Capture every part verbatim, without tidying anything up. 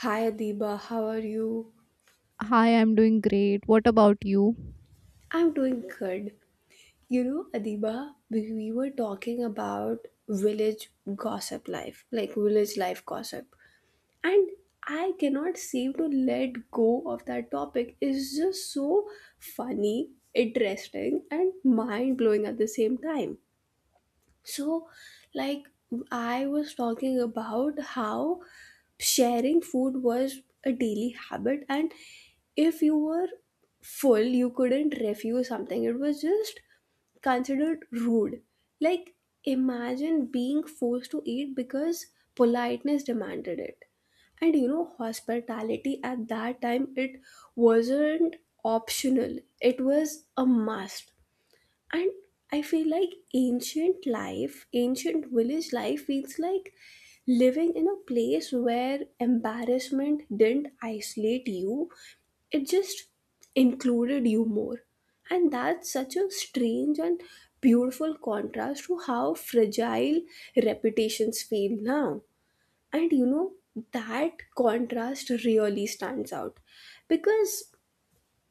Hi Adiba, how are you? Hi, I'm doing great. What about you? I'm doing good. You know, Adiba, we, we were talking about village gossip life, like village life gossip. And I cannot seem to let go of that topic. It's just so funny, interesting, and mind blowing at the same time. So, like, I was talking about how sharing food was a daily habit, and if you were full, you couldn't refuse something. It was just considered rude. Like, imagine being forced to eat because politeness demanded it. And you know, hospitality at that time, it wasn't optional, it was a must, and I feel like ancient life, ancient village life feels like living in a place where embarrassment didn't isolate you, it just included you more. And that's such a strange and beautiful contrast to how fragile reputations feel now. And you know, that contrast really stands out because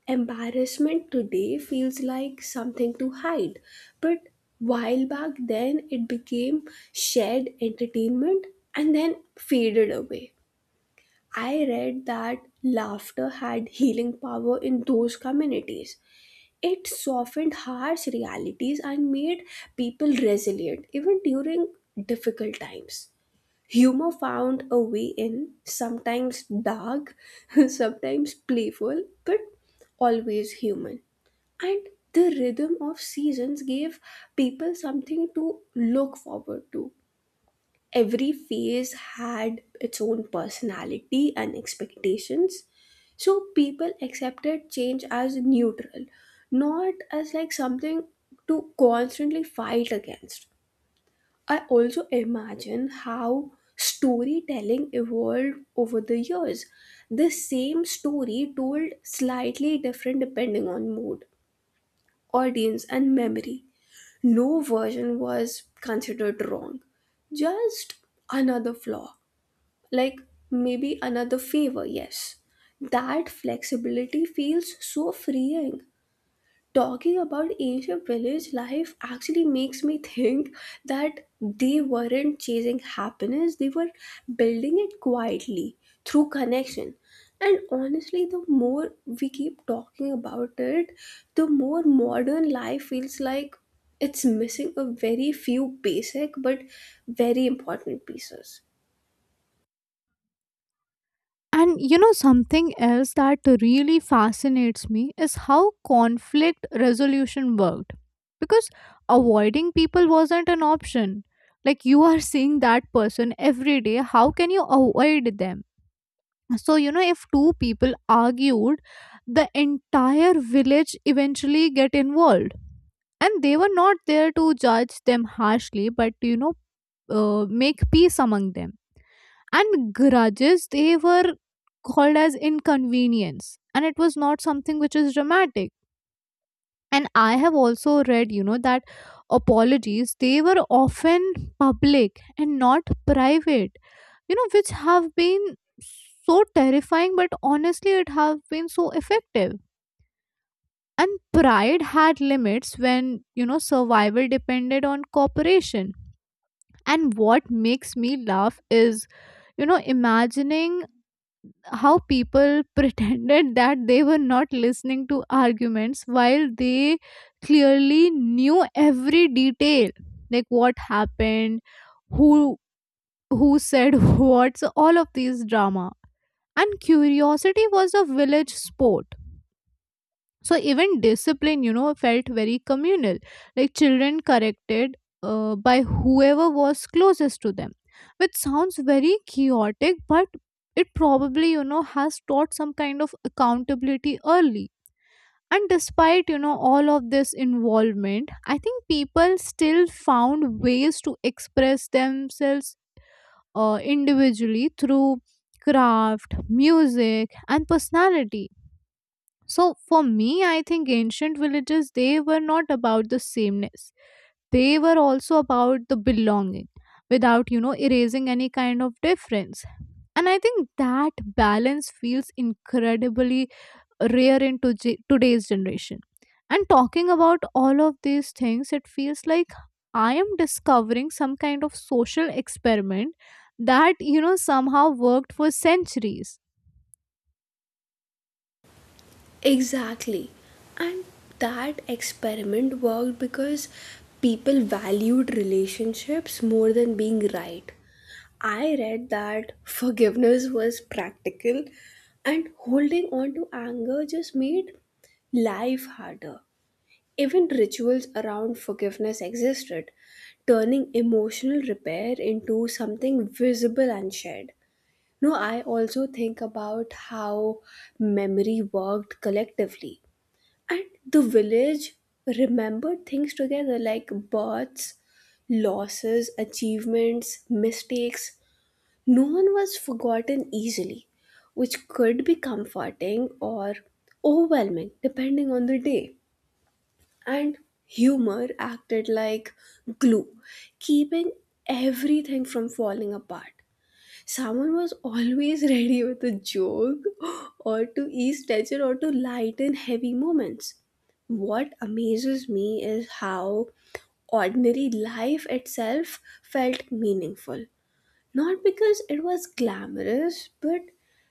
embarrassment today feels like something to hide, but while back then it became shared entertainment and then faded away. I read that laughter had healing power in those communities. It softened harsh realities and made people resilient even during difficult times. Humor found a way in, sometimes dark, sometimes playful, but always human. And the rhythm of seasons gave people something to look forward to. Every phase had its own personality and expectations, so people accepted change as neutral, not as like something to constantly fight against. I also imagine how storytelling evolved over the years, the same story told slightly different depending on mood, audience, and memory. No version was considered wrong, just another flaw, like maybe another favor, yes. That flexibility feels so freeing. Talking about ancient village life actually makes me think that they weren't chasing happiness, they were building it quietly through connection. And honestly, the more we keep talking about it, the more modern life feels like it's missing a very few basic but very important pieces. And you know, something else that really fascinates me is how conflict resolution worked. Because avoiding people wasn't an option. Like, you are seeing that person every day. How can you avoid them? So, you know, if two people argued, the entire village eventually get involved. And they were not there to judge them harshly, but, you know, uh, make peace among them, and grudges they were called as inconvenience, and it was not something which is dramatic. And I have also read you know that apologies, they were often public and not private you know which have been so terrifying, but honestly it have been so effective. And pride had limits when, you know survival depended on cooperation. And what makes me laugh is you know imagining how people pretended that they were not listening to arguments while they clearly knew every detail, like what happened, who who said what, so all of these drama. And curiosity was a village sport. So even discipline you know felt very communal, like children corrected uh, by whoever was closest to them, which sounds very chaotic, but it probably you know has taught some kind of accountability early. And despite you know all of this involvement, I think people still found ways to express themselves, uh, individually, through craft, music, and personality. So for me, I think ancient villages, they were not about the sameness. They were also about the belonging without, you know, erasing any kind of difference. And I think that balance feels incredibly rare in toje- today's generation. And talking about all of these things, it feels like I am discovering some kind of social experiment that, you know, somehow worked for centuries. Exactly. And that experiment worked because people valued relationships more than being right. I read that forgiveness was practical and holding on to anger just made life harder. Even rituals around forgiveness existed, turning emotional repair into something visible and shared. No, I also think about how memory worked collectively. And the village remembered things together, like births, losses, achievements, mistakes. No one was forgotten easily, which could be comforting or overwhelming depending on the day. And humor acted like glue, keeping everything from falling apart. Someone was always ready with a joke, or to ease tension, or to lighten heavy moments. What amazes me is how ordinary life itself felt meaningful. Not because it was glamorous, but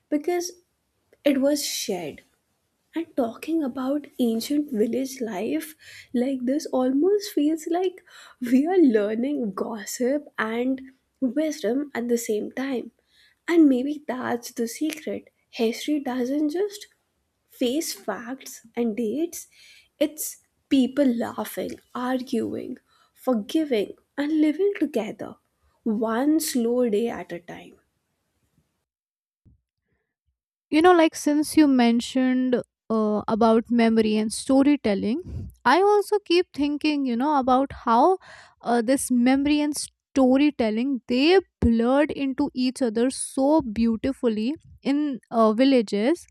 because it was shared. And talking about ancient village life like this almost feels like we are learning gossip and wisdom at the same time. And maybe that's the secret. History doesn't just face facts and dates, it's people laughing, arguing, forgiving, and living together, one slow day at a time. you know like since you mentioned, uh, about memory and storytelling, I also keep thinking you know about how, uh, this memory and storytelling, they blurred into each other so beautifully in, uh, villages.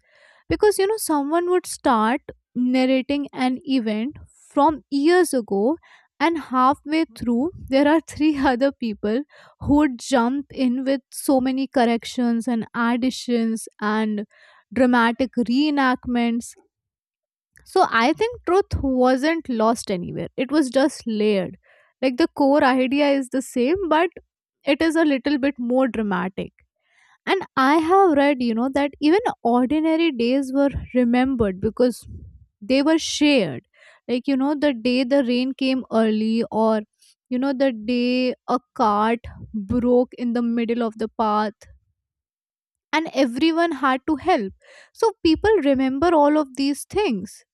Because you know someone would start narrating an event from years ago, and halfway through there are three other people who would jump in with so many corrections and additions and dramatic reenactments. So I think truth wasn't lost anywhere. It was just layered. Like the core idea is the same, but it is a little bit more dramatic. And I have read, you know, that even ordinary days were remembered because they were shared. Like, you know, the day the rain came early, or, you know, the day a cart broke in the middle of the path and everyone had to help. So people remember all of these things.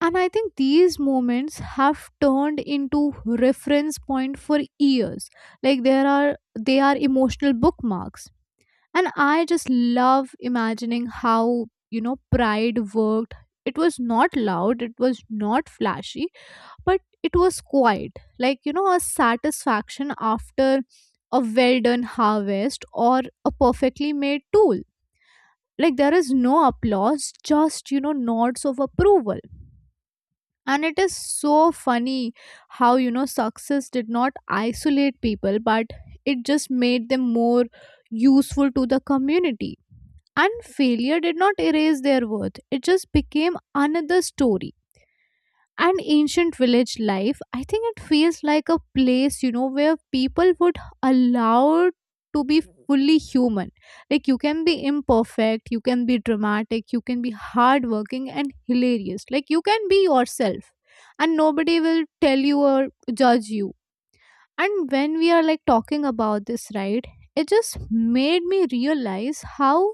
And I think these moments have turned into reference point for years. Like there are, they are emotional bookmarks. And I just love imagining how, you know, pride worked. It was not loud, it was not flashy, but it was quiet. Like, you know, a satisfaction after a well done harvest or a perfectly made tool. Like there is no applause just you know nods of approval. And it is so funny how, you know success did not isolate people, but it just made them more useful to the community. And failure did not erase their worth, it just became another story. And ancient village life, I think it feels like a place you know where people would allow to be fully human. Like you can be imperfect, you can be dramatic, you can be hardworking and hilarious, like you can be yourself, and nobody will tell you or judge you. And when we are like talking about this, right, it just made me realize how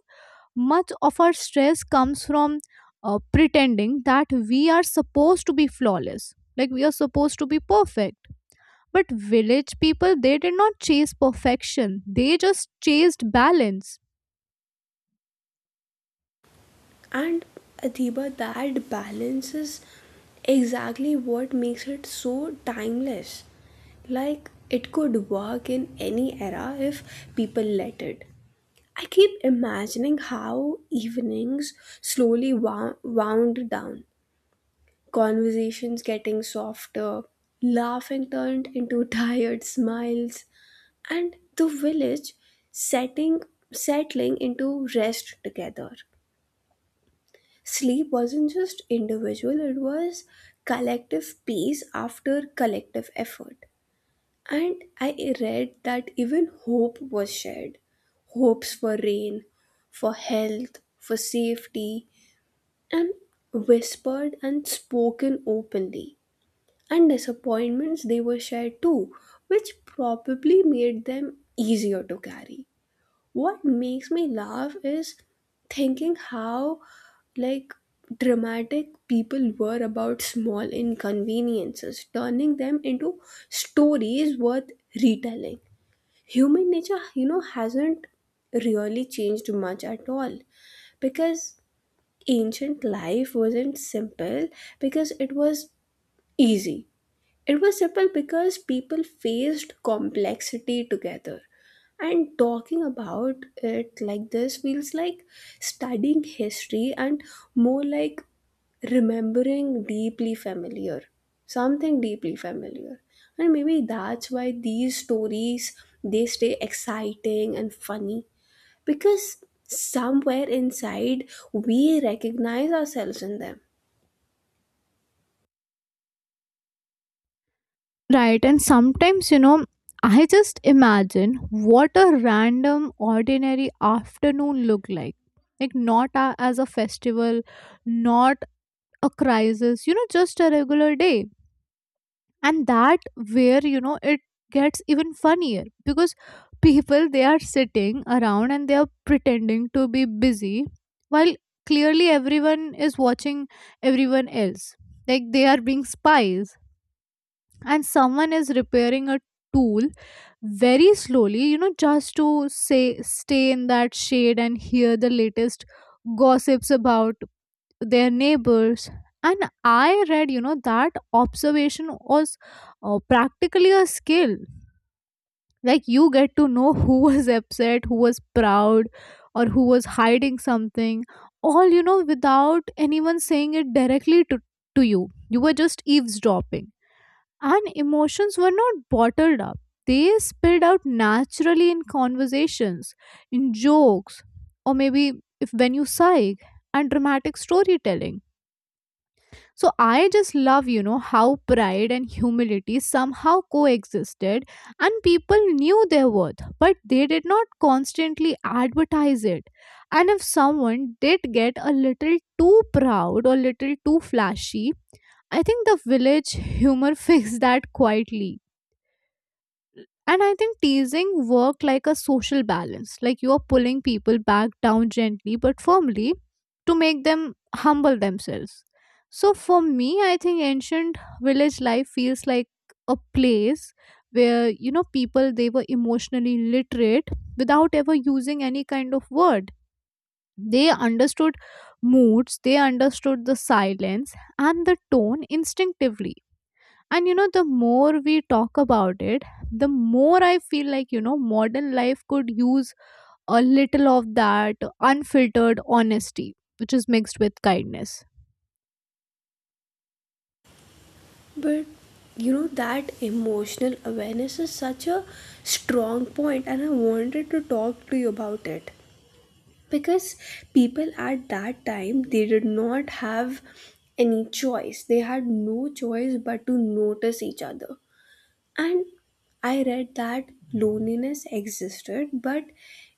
much of our stress comes from, uh, pretending that we are supposed to be flawless, like we are supposed to be perfect. But village people, they did not chase perfection, they just chased balance. And Adiba, that balance is exactly what makes it so timeless. Like, it could work in any era if people let it. I keep imagining how evenings slowly wou- wound down, conversations getting softer, laughing turned into tired smiles, and the village setting settling into rest together. Sleep wasn't just individual, it was collective peace after collective effort. And I read that even hope was shared, hopes for rain, for health, for safety, and whispered and spoken openly. And disappointments, they were shared too, which probably made them easier to carry. What makes me laugh is thinking how, like, dramatic people were about small inconveniences, turning them into stories worth retelling. Human nature, you know, hasn't really changed much at all, because ancient life wasn't simple because it was easy, it was simple because people faced complexity together. And talking about it like this feels like studying history and more like remembering deeply familiar, something deeply familiar. And maybe that's why these stories, they stay exciting and funny, because somewhere inside we recognize ourselves in them. Right, and sometimes, you know, I just imagine what a random, ordinary afternoon looked like. Like, not a, as a festival, not a crisis, you know, just a regular day. And that, where you know it gets even funnier, because people, they are sitting around and they are pretending to be busy while clearly everyone is watching everyone else, like they are being spies. And someone is repairing a tool very slowly, you know just to say, stay in that shade and hear the latest gossips about their neighbors. And I read you know that observation was, uh, practically a skill. Like you get to know who was upset, who was proud, or who was hiding something, all you know without anyone saying it directly to, to you. You were just eavesdropping. And emotions were not bottled up, they spilled out naturally in conversations, in jokes, or maybe, if when you sigh, and dramatic storytelling. So I just love, you know, how pride and humility somehow coexisted, and people knew their worth, but they did not constantly advertise it. And if someone did get a little too proud or little too flashy, I think the village humor fixed that quietly. And I think teasing work like a social balance. Like you're pulling people back down gently but firmly to make them humble themselves. So for me, I think ancient village life feels like a place where, you know people they were emotionally literate without ever using any kind of word. They understood moods, they understood the silence and the tone instinctively. And, you know, the more we talk about it, the more I feel like, you know, modern life could use a little of that unfiltered honesty, which is mixed with kindness. But you know, that emotional awareness is such a strong point, and I wanted to talk to you about it because people at that time, they did not have any choice. They had no choice but to notice each other. And I read that loneliness existed, but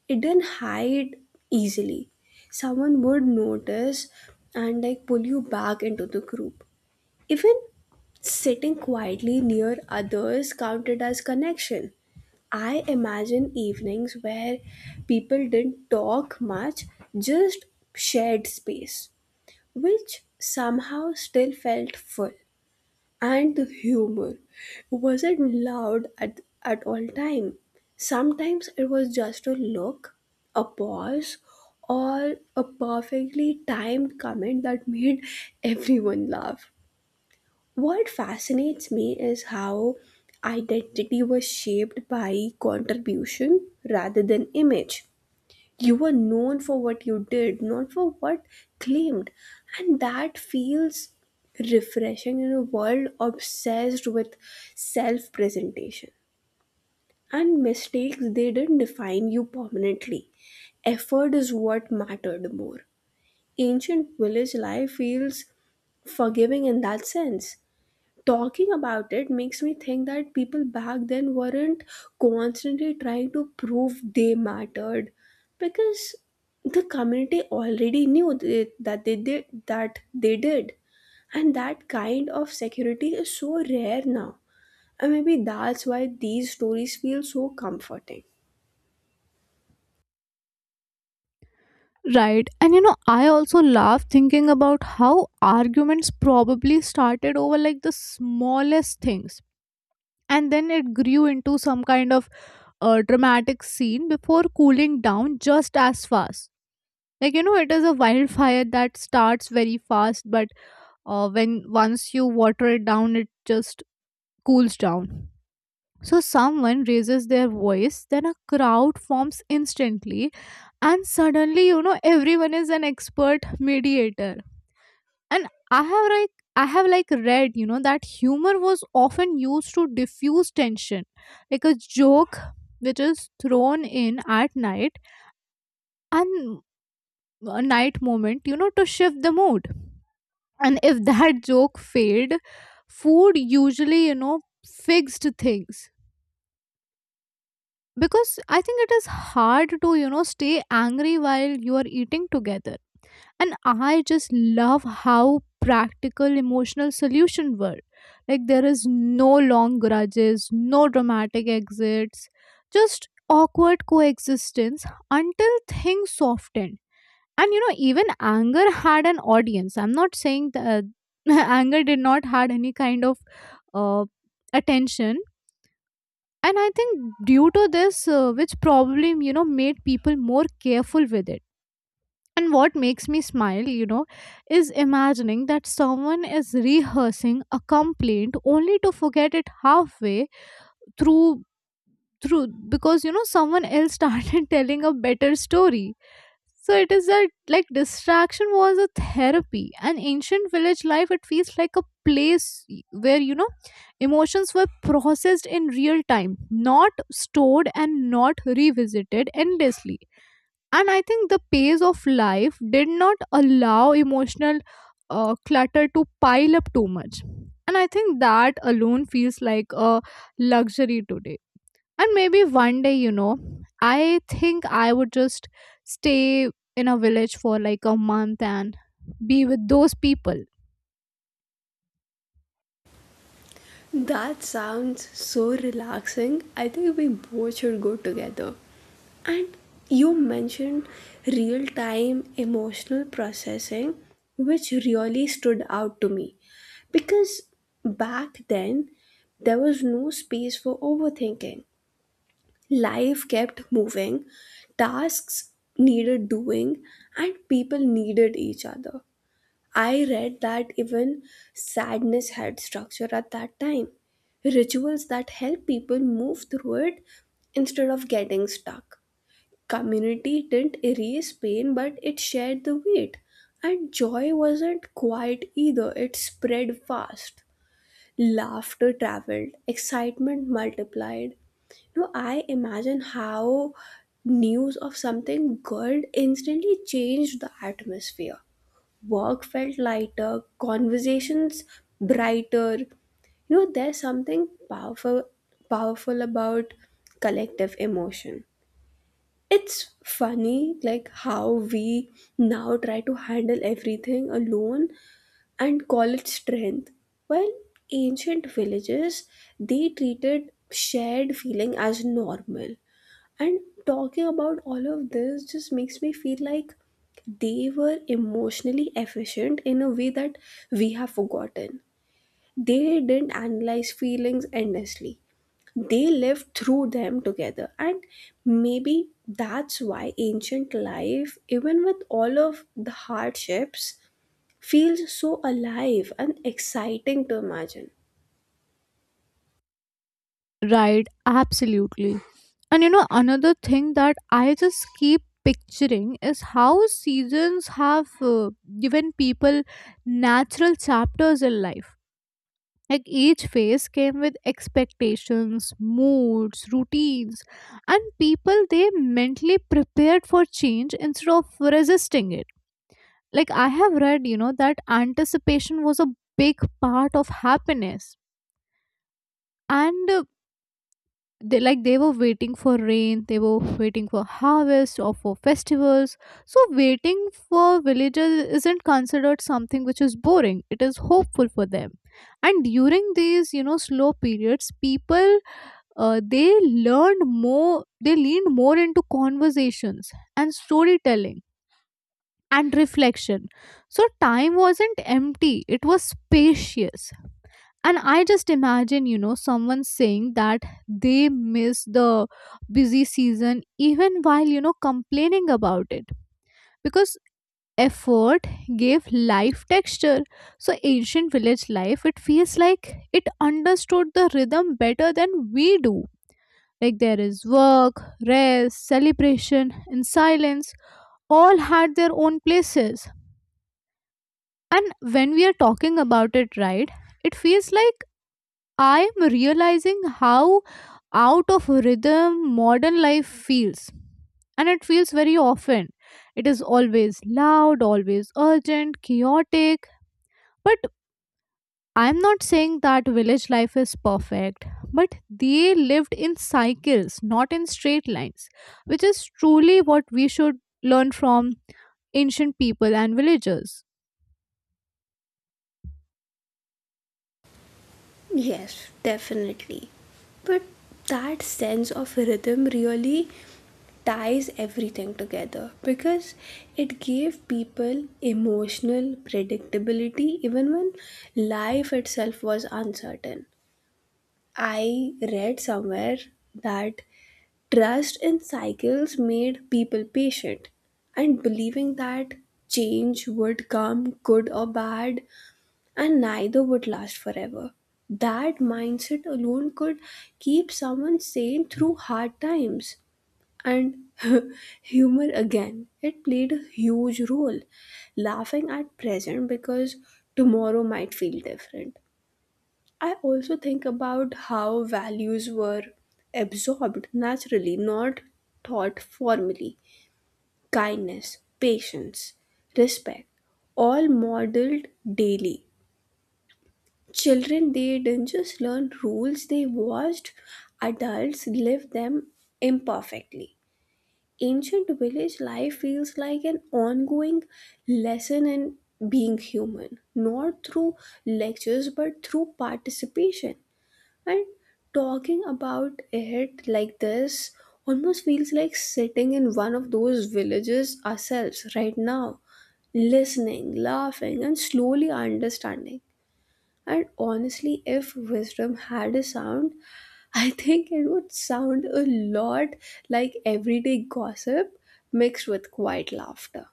it didn't hide easily. Someone would notice and like pull you back into the group. Even sitting quietly near others counted as connection. I imagine evenings where people didn't talk much, just shared space, which somehow still felt full. And the humor wasn't loud at, at all time. Sometimes it was just a look, a pause, or a perfectly timed comment that made everyone laugh. What fascinates me is how identity was shaped by contribution rather than image. You were known for what you did, not for what claimed. And that feels refreshing in a world obsessed with self presentation. And mistakes, they didn't define you permanently. Effort is what mattered more. Ancient village life feels forgiving in that sense. Talking about it makes me think that people back then weren't constantly trying to prove they mattered, because the community already knew th- that they did that they did. And that kind of security is so rare now, and maybe that's why these stories feel so comforting. Right. And, you know, I also laugh thinking about how arguments probably started over like the smallest things. And then it grew into some kind of, uh, dramatic scene before cooling down just as fast. Like, you know, it is a wildfire that starts very fast, but, uh, when once you water it down, it just cools down. So someone raises their voice, then a crowd forms instantly, and suddenly, you know everyone is an expert mediator. And i have like i have like read you know that humor was often used to diffuse tension, like a joke, which is thrown in at night, and a night moment, you know to shift the mood. And if that joke failed, food usually, you know fixed things. Because I think it is hard to, you know stay angry while you are eating together. And I just love how practical emotional solution were. Like there is no long grudges, no dramatic exits, just awkward coexistence until things soften. And, you know even anger had an audience. I'm not saying that anger did not had any kind of, uh, attention. And I think due to this, uh, which probably, you know made people more careful with it. And what makes me smile, you know is imagining that someone is rehearsing a complaint only to forget it halfway through through, because, you know someone else started telling a better story. So it is that like distraction was a therapy. And ancient village life, it feels like a place where, you know emotions were processed in real time, not stored and not revisited endlessly. And I think the pace of life did not allow emotional, uh, clutter to pile up too much. And I think that alone feels like a luxury today. And maybe one day, you know, I think I would just stay in a village for like a month and be with those people. That sounds so relaxing. I think we both should go together. And you mentioned real time emotional processing, which really stood out to me because back then there was no space for overthinking. Life kept moving, tasks needed doing, and people needed each other. I read that even sadness had structure at that time, rituals that help people move through it instead of getting stuck. Community didn't erase pain, but it shared the weight. And joy wasn't quiet either, it spread fast. Laughter traveled, excitement multiplied. You know, I imagine how news of something good instantly changed the atmosphere. Work felt lighter, conversations brighter. You know, there's something powerful powerful about collective emotion. It's funny, like how we now try to handle everything alone and call it strength. While ancient villages, they treated shared feeling as normal. And talking about all of this just makes me feel like they were emotionally efficient in a way that we have forgotten. They didn't analyze feelings endlessly, they live through them together. And maybe that's why ancient life, even with all of the hardships, feels so alive and exciting to imagine. Right, absolutely. And, you know, another thing that I just keep picturing is how seasons have, uh, given people natural chapters in life. Like each phase came with expectations, moods, routines, and people, they mentally prepared for change instead of resisting it. Like I have read, you know that anticipation was a big part of happiness. And, uh, they like they were waiting for rain, they were waiting for harvest or for festivals. So waiting for villagers isn't considered something which is boring, it is hopeful for them. And during these, you know slow periods, people, uh, they learned more, they leaned more into conversations, and storytelling, and reflection. So time wasn't empty, it was spacious. And I just imagine, you know, someone saying that they miss the busy season even while, you know, complaining about it, because effort gave life texture. So ancient village life, it feels like it understood the rhythm better than we do. Like there is work, rest, celebration, and silence, all had their own places. And when we are talking about it, right, it feels like I'm realizing how out of rhythm modern life feels. And it feels very often. It is always loud, always urgent, chaotic. But I'm not saying that village life is perfect, but they lived in cycles, not in straight lines, which is truly what we should learn from ancient people and villagers. Yes, definitely. But that sense of rhythm really ties everything together because it gave people emotional predictability even when life itself was uncertain. I read somewhere that trust in cycles made people patient, and believing that change would come, good or bad, and neither would last forever. That mindset alone could keep someone sane through hard times. And humor again, it played a huge role. Laughing at present because tomorrow might feel different. I also think about how values were absorbed naturally, not taught formally. Kindness, patience, respect, all modeled daily. Children, they didn't just learn rules, they watched adults live them imperfectly. Ancient village life feels like an ongoing lesson in being human, not through lectures but through participation. And talking about it like this almost feels like sitting in one of those villages ourselves right now, listening, laughing, and slowly understanding. And honestly, if wisdom had a sound, I think it would sound a lot like everyday gossip mixed with quiet laughter.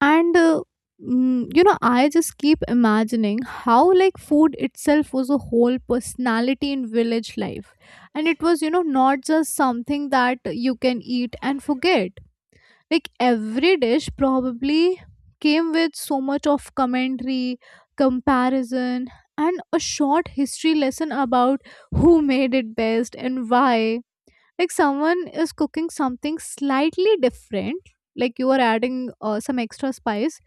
and uh, mm, you know, I just keep imagining how, like, food itself was a whole personality in village life, and it was, you know, not just something that you can eat and forget. Like, every dish probably came with so much of commentary, comparison, and a short history lesson about who made it best and why. Like, someone is cooking something slightly different, like you are adding uh, some extra spice,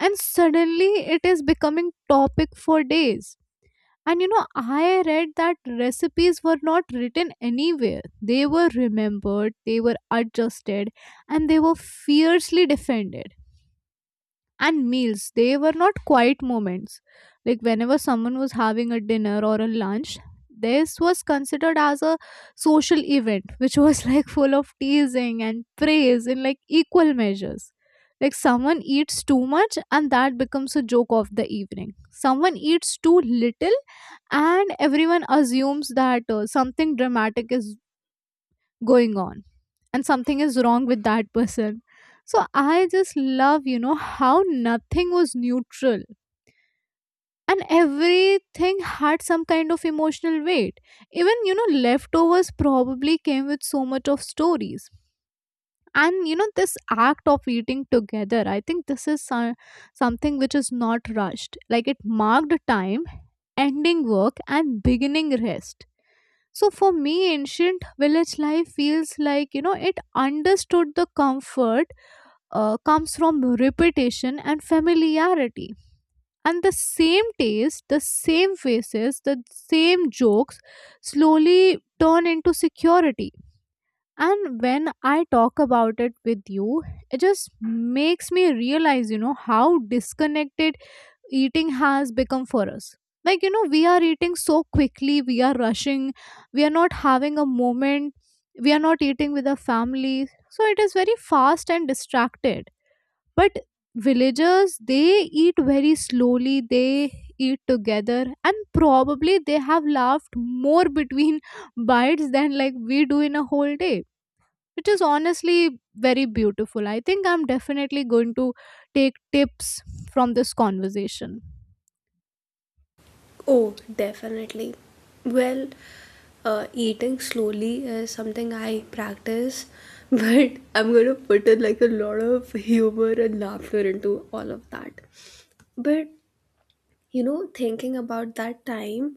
and suddenly it is becoming topic for days. And you know, I read that recipes were not written anywhere. They were remembered, they were adjusted, and they were fiercely defended. And meals, they were not quiet moments. Like whenever someone was having a dinner or a lunch, this was considered as a social event which was like full of teasing and praise in, like, equal measures. Like someone eats too much and that becomes a joke of the evening. Someone eats too little, and everyone assumes that uh, something dramatic is going on and something is wrong with that person. So I just love, you know, how nothing was neutral and everything had some kind of emotional weight. Even, you know, leftovers probably came with so much of stories. And you know, this act of eating together, I think this is so- something which is not rushed. Like it marked time, ending work and beginning rest. So for me, ancient village life feels like, you know, it understood the comfort uh, comes from repetition and familiarity. And the same taste, the same faces, the same jokes slowly turn into security. And when I talk about it with you, it just makes me realize, you know, how disconnected eating has become for us. Like, you know, we are eating so quickly, we are rushing, we are not having a moment, we are not eating with our family. So it is very fast and distracted, but villagers, they eat very slowly, they eat together, and probably they have laughed more between bites than, like, we do in a whole day, which is honestly very beautiful. I think I'm definitely going to take tips from this conversation. Oh, definitely. Well, uh, eating slowly is something I practice, but I'm gonna put in like a lot of humor and laughter into all of that. But you know, thinking about that time,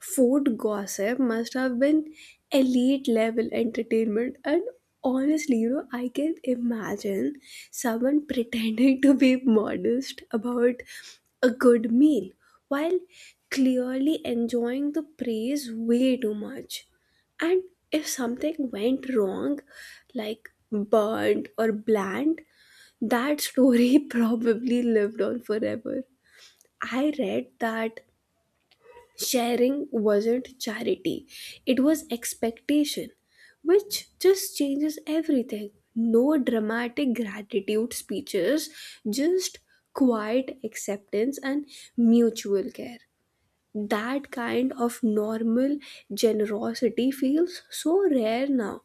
food gossip must have been elite level entertainment. And honestly, you know, I can imagine someone pretending to be modest about a good meal while clearly enjoying the praise way too much. And if something went wrong, like burnt or bland, that story probably lived on forever. I read that sharing wasn't charity, it was expectation, which just changes everything. No dramatic gratitude speeches, just quiet acceptance and mutual care. That kind of normal generosity feels so rare now.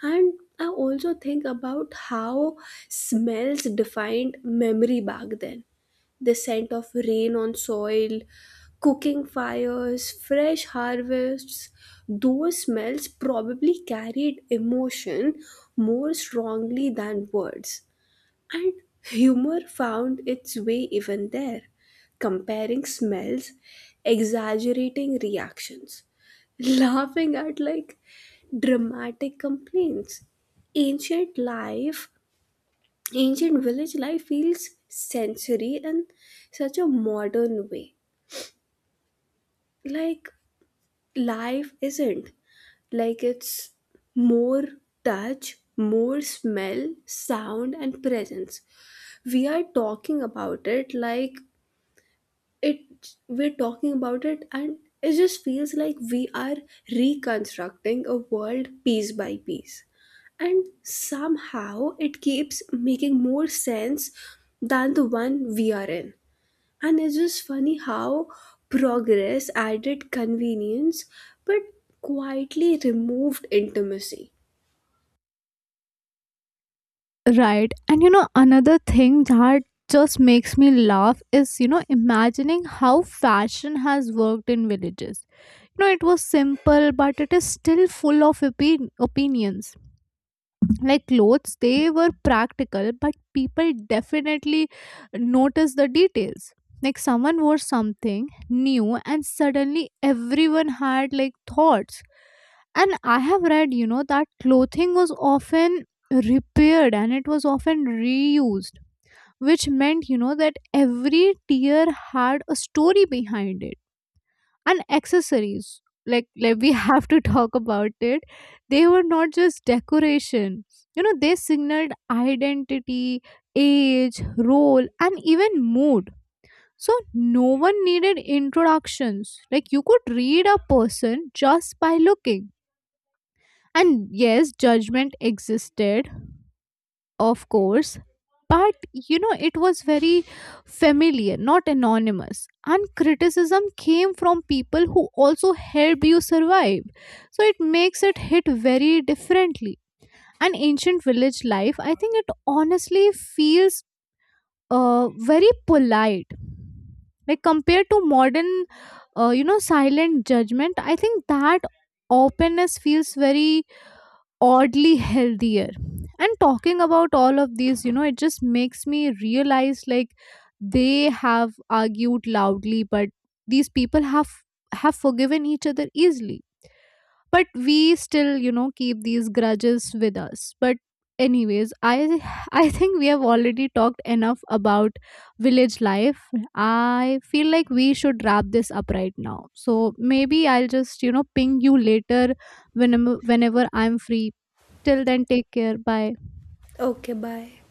And I also think about how smells defined memory back then, the scent of rain on soil, cooking fires, fresh harvests. Those smells probably carried emotion more strongly than words, and humor found its way even there, comparing smells, exaggerating reactions, laughing at like dramatic complaints. Ancient life Ancient village life feels sensory in such a modern way. Like, life isn't. Like, it's more touch, more smell, sound, and presence. We are talking about it like it. We're talking about it, and it just feels like we are reconstructing a world piece by piece, and somehow it keeps making more sense than the one we are in. And it's just funny how progress added convenience but quietly removed intimacy. Right. And you know, another thing that just makes me laugh is, you know, imagining how fashion has worked in villages. You know, it was simple, but it is still full of opi- opinions. Like clothes, they were practical, but people definitely noticed the details. Like someone wore something new and suddenly everyone had, like, thoughts. And I have read, you know, that clothing was often repaired and it was often reused, which meant, you know, that every tear had a story behind it. And accessories, like like we have to talk about it, they were not just decoration. You know, they signaled identity, age, role, and even mood. So no one needed introductions. Like, you could read a person just by looking. And yes, judgment existed, of course, but you know, it was very familiar, not anonymous, and criticism came from people who also helped you survive, so it makes it hit very differently. And ancient village life, I think it honestly feels uh, very polite. Like compared to modern uh, you know, silent judgment, I think that openness feels very oddly healthier. And talking about all of these, you know, it just makes me realize, like, they have argued loudly, but these people have have forgiven each other easily, but we still, you know, keep these grudges with us. But anyways, i i think we have already talked enough about village life. I feel like we should wrap this up right now, so maybe I'll just, you know, ping you later whenever whenever I'm free. Till then, take care. Bye. Okay, bye.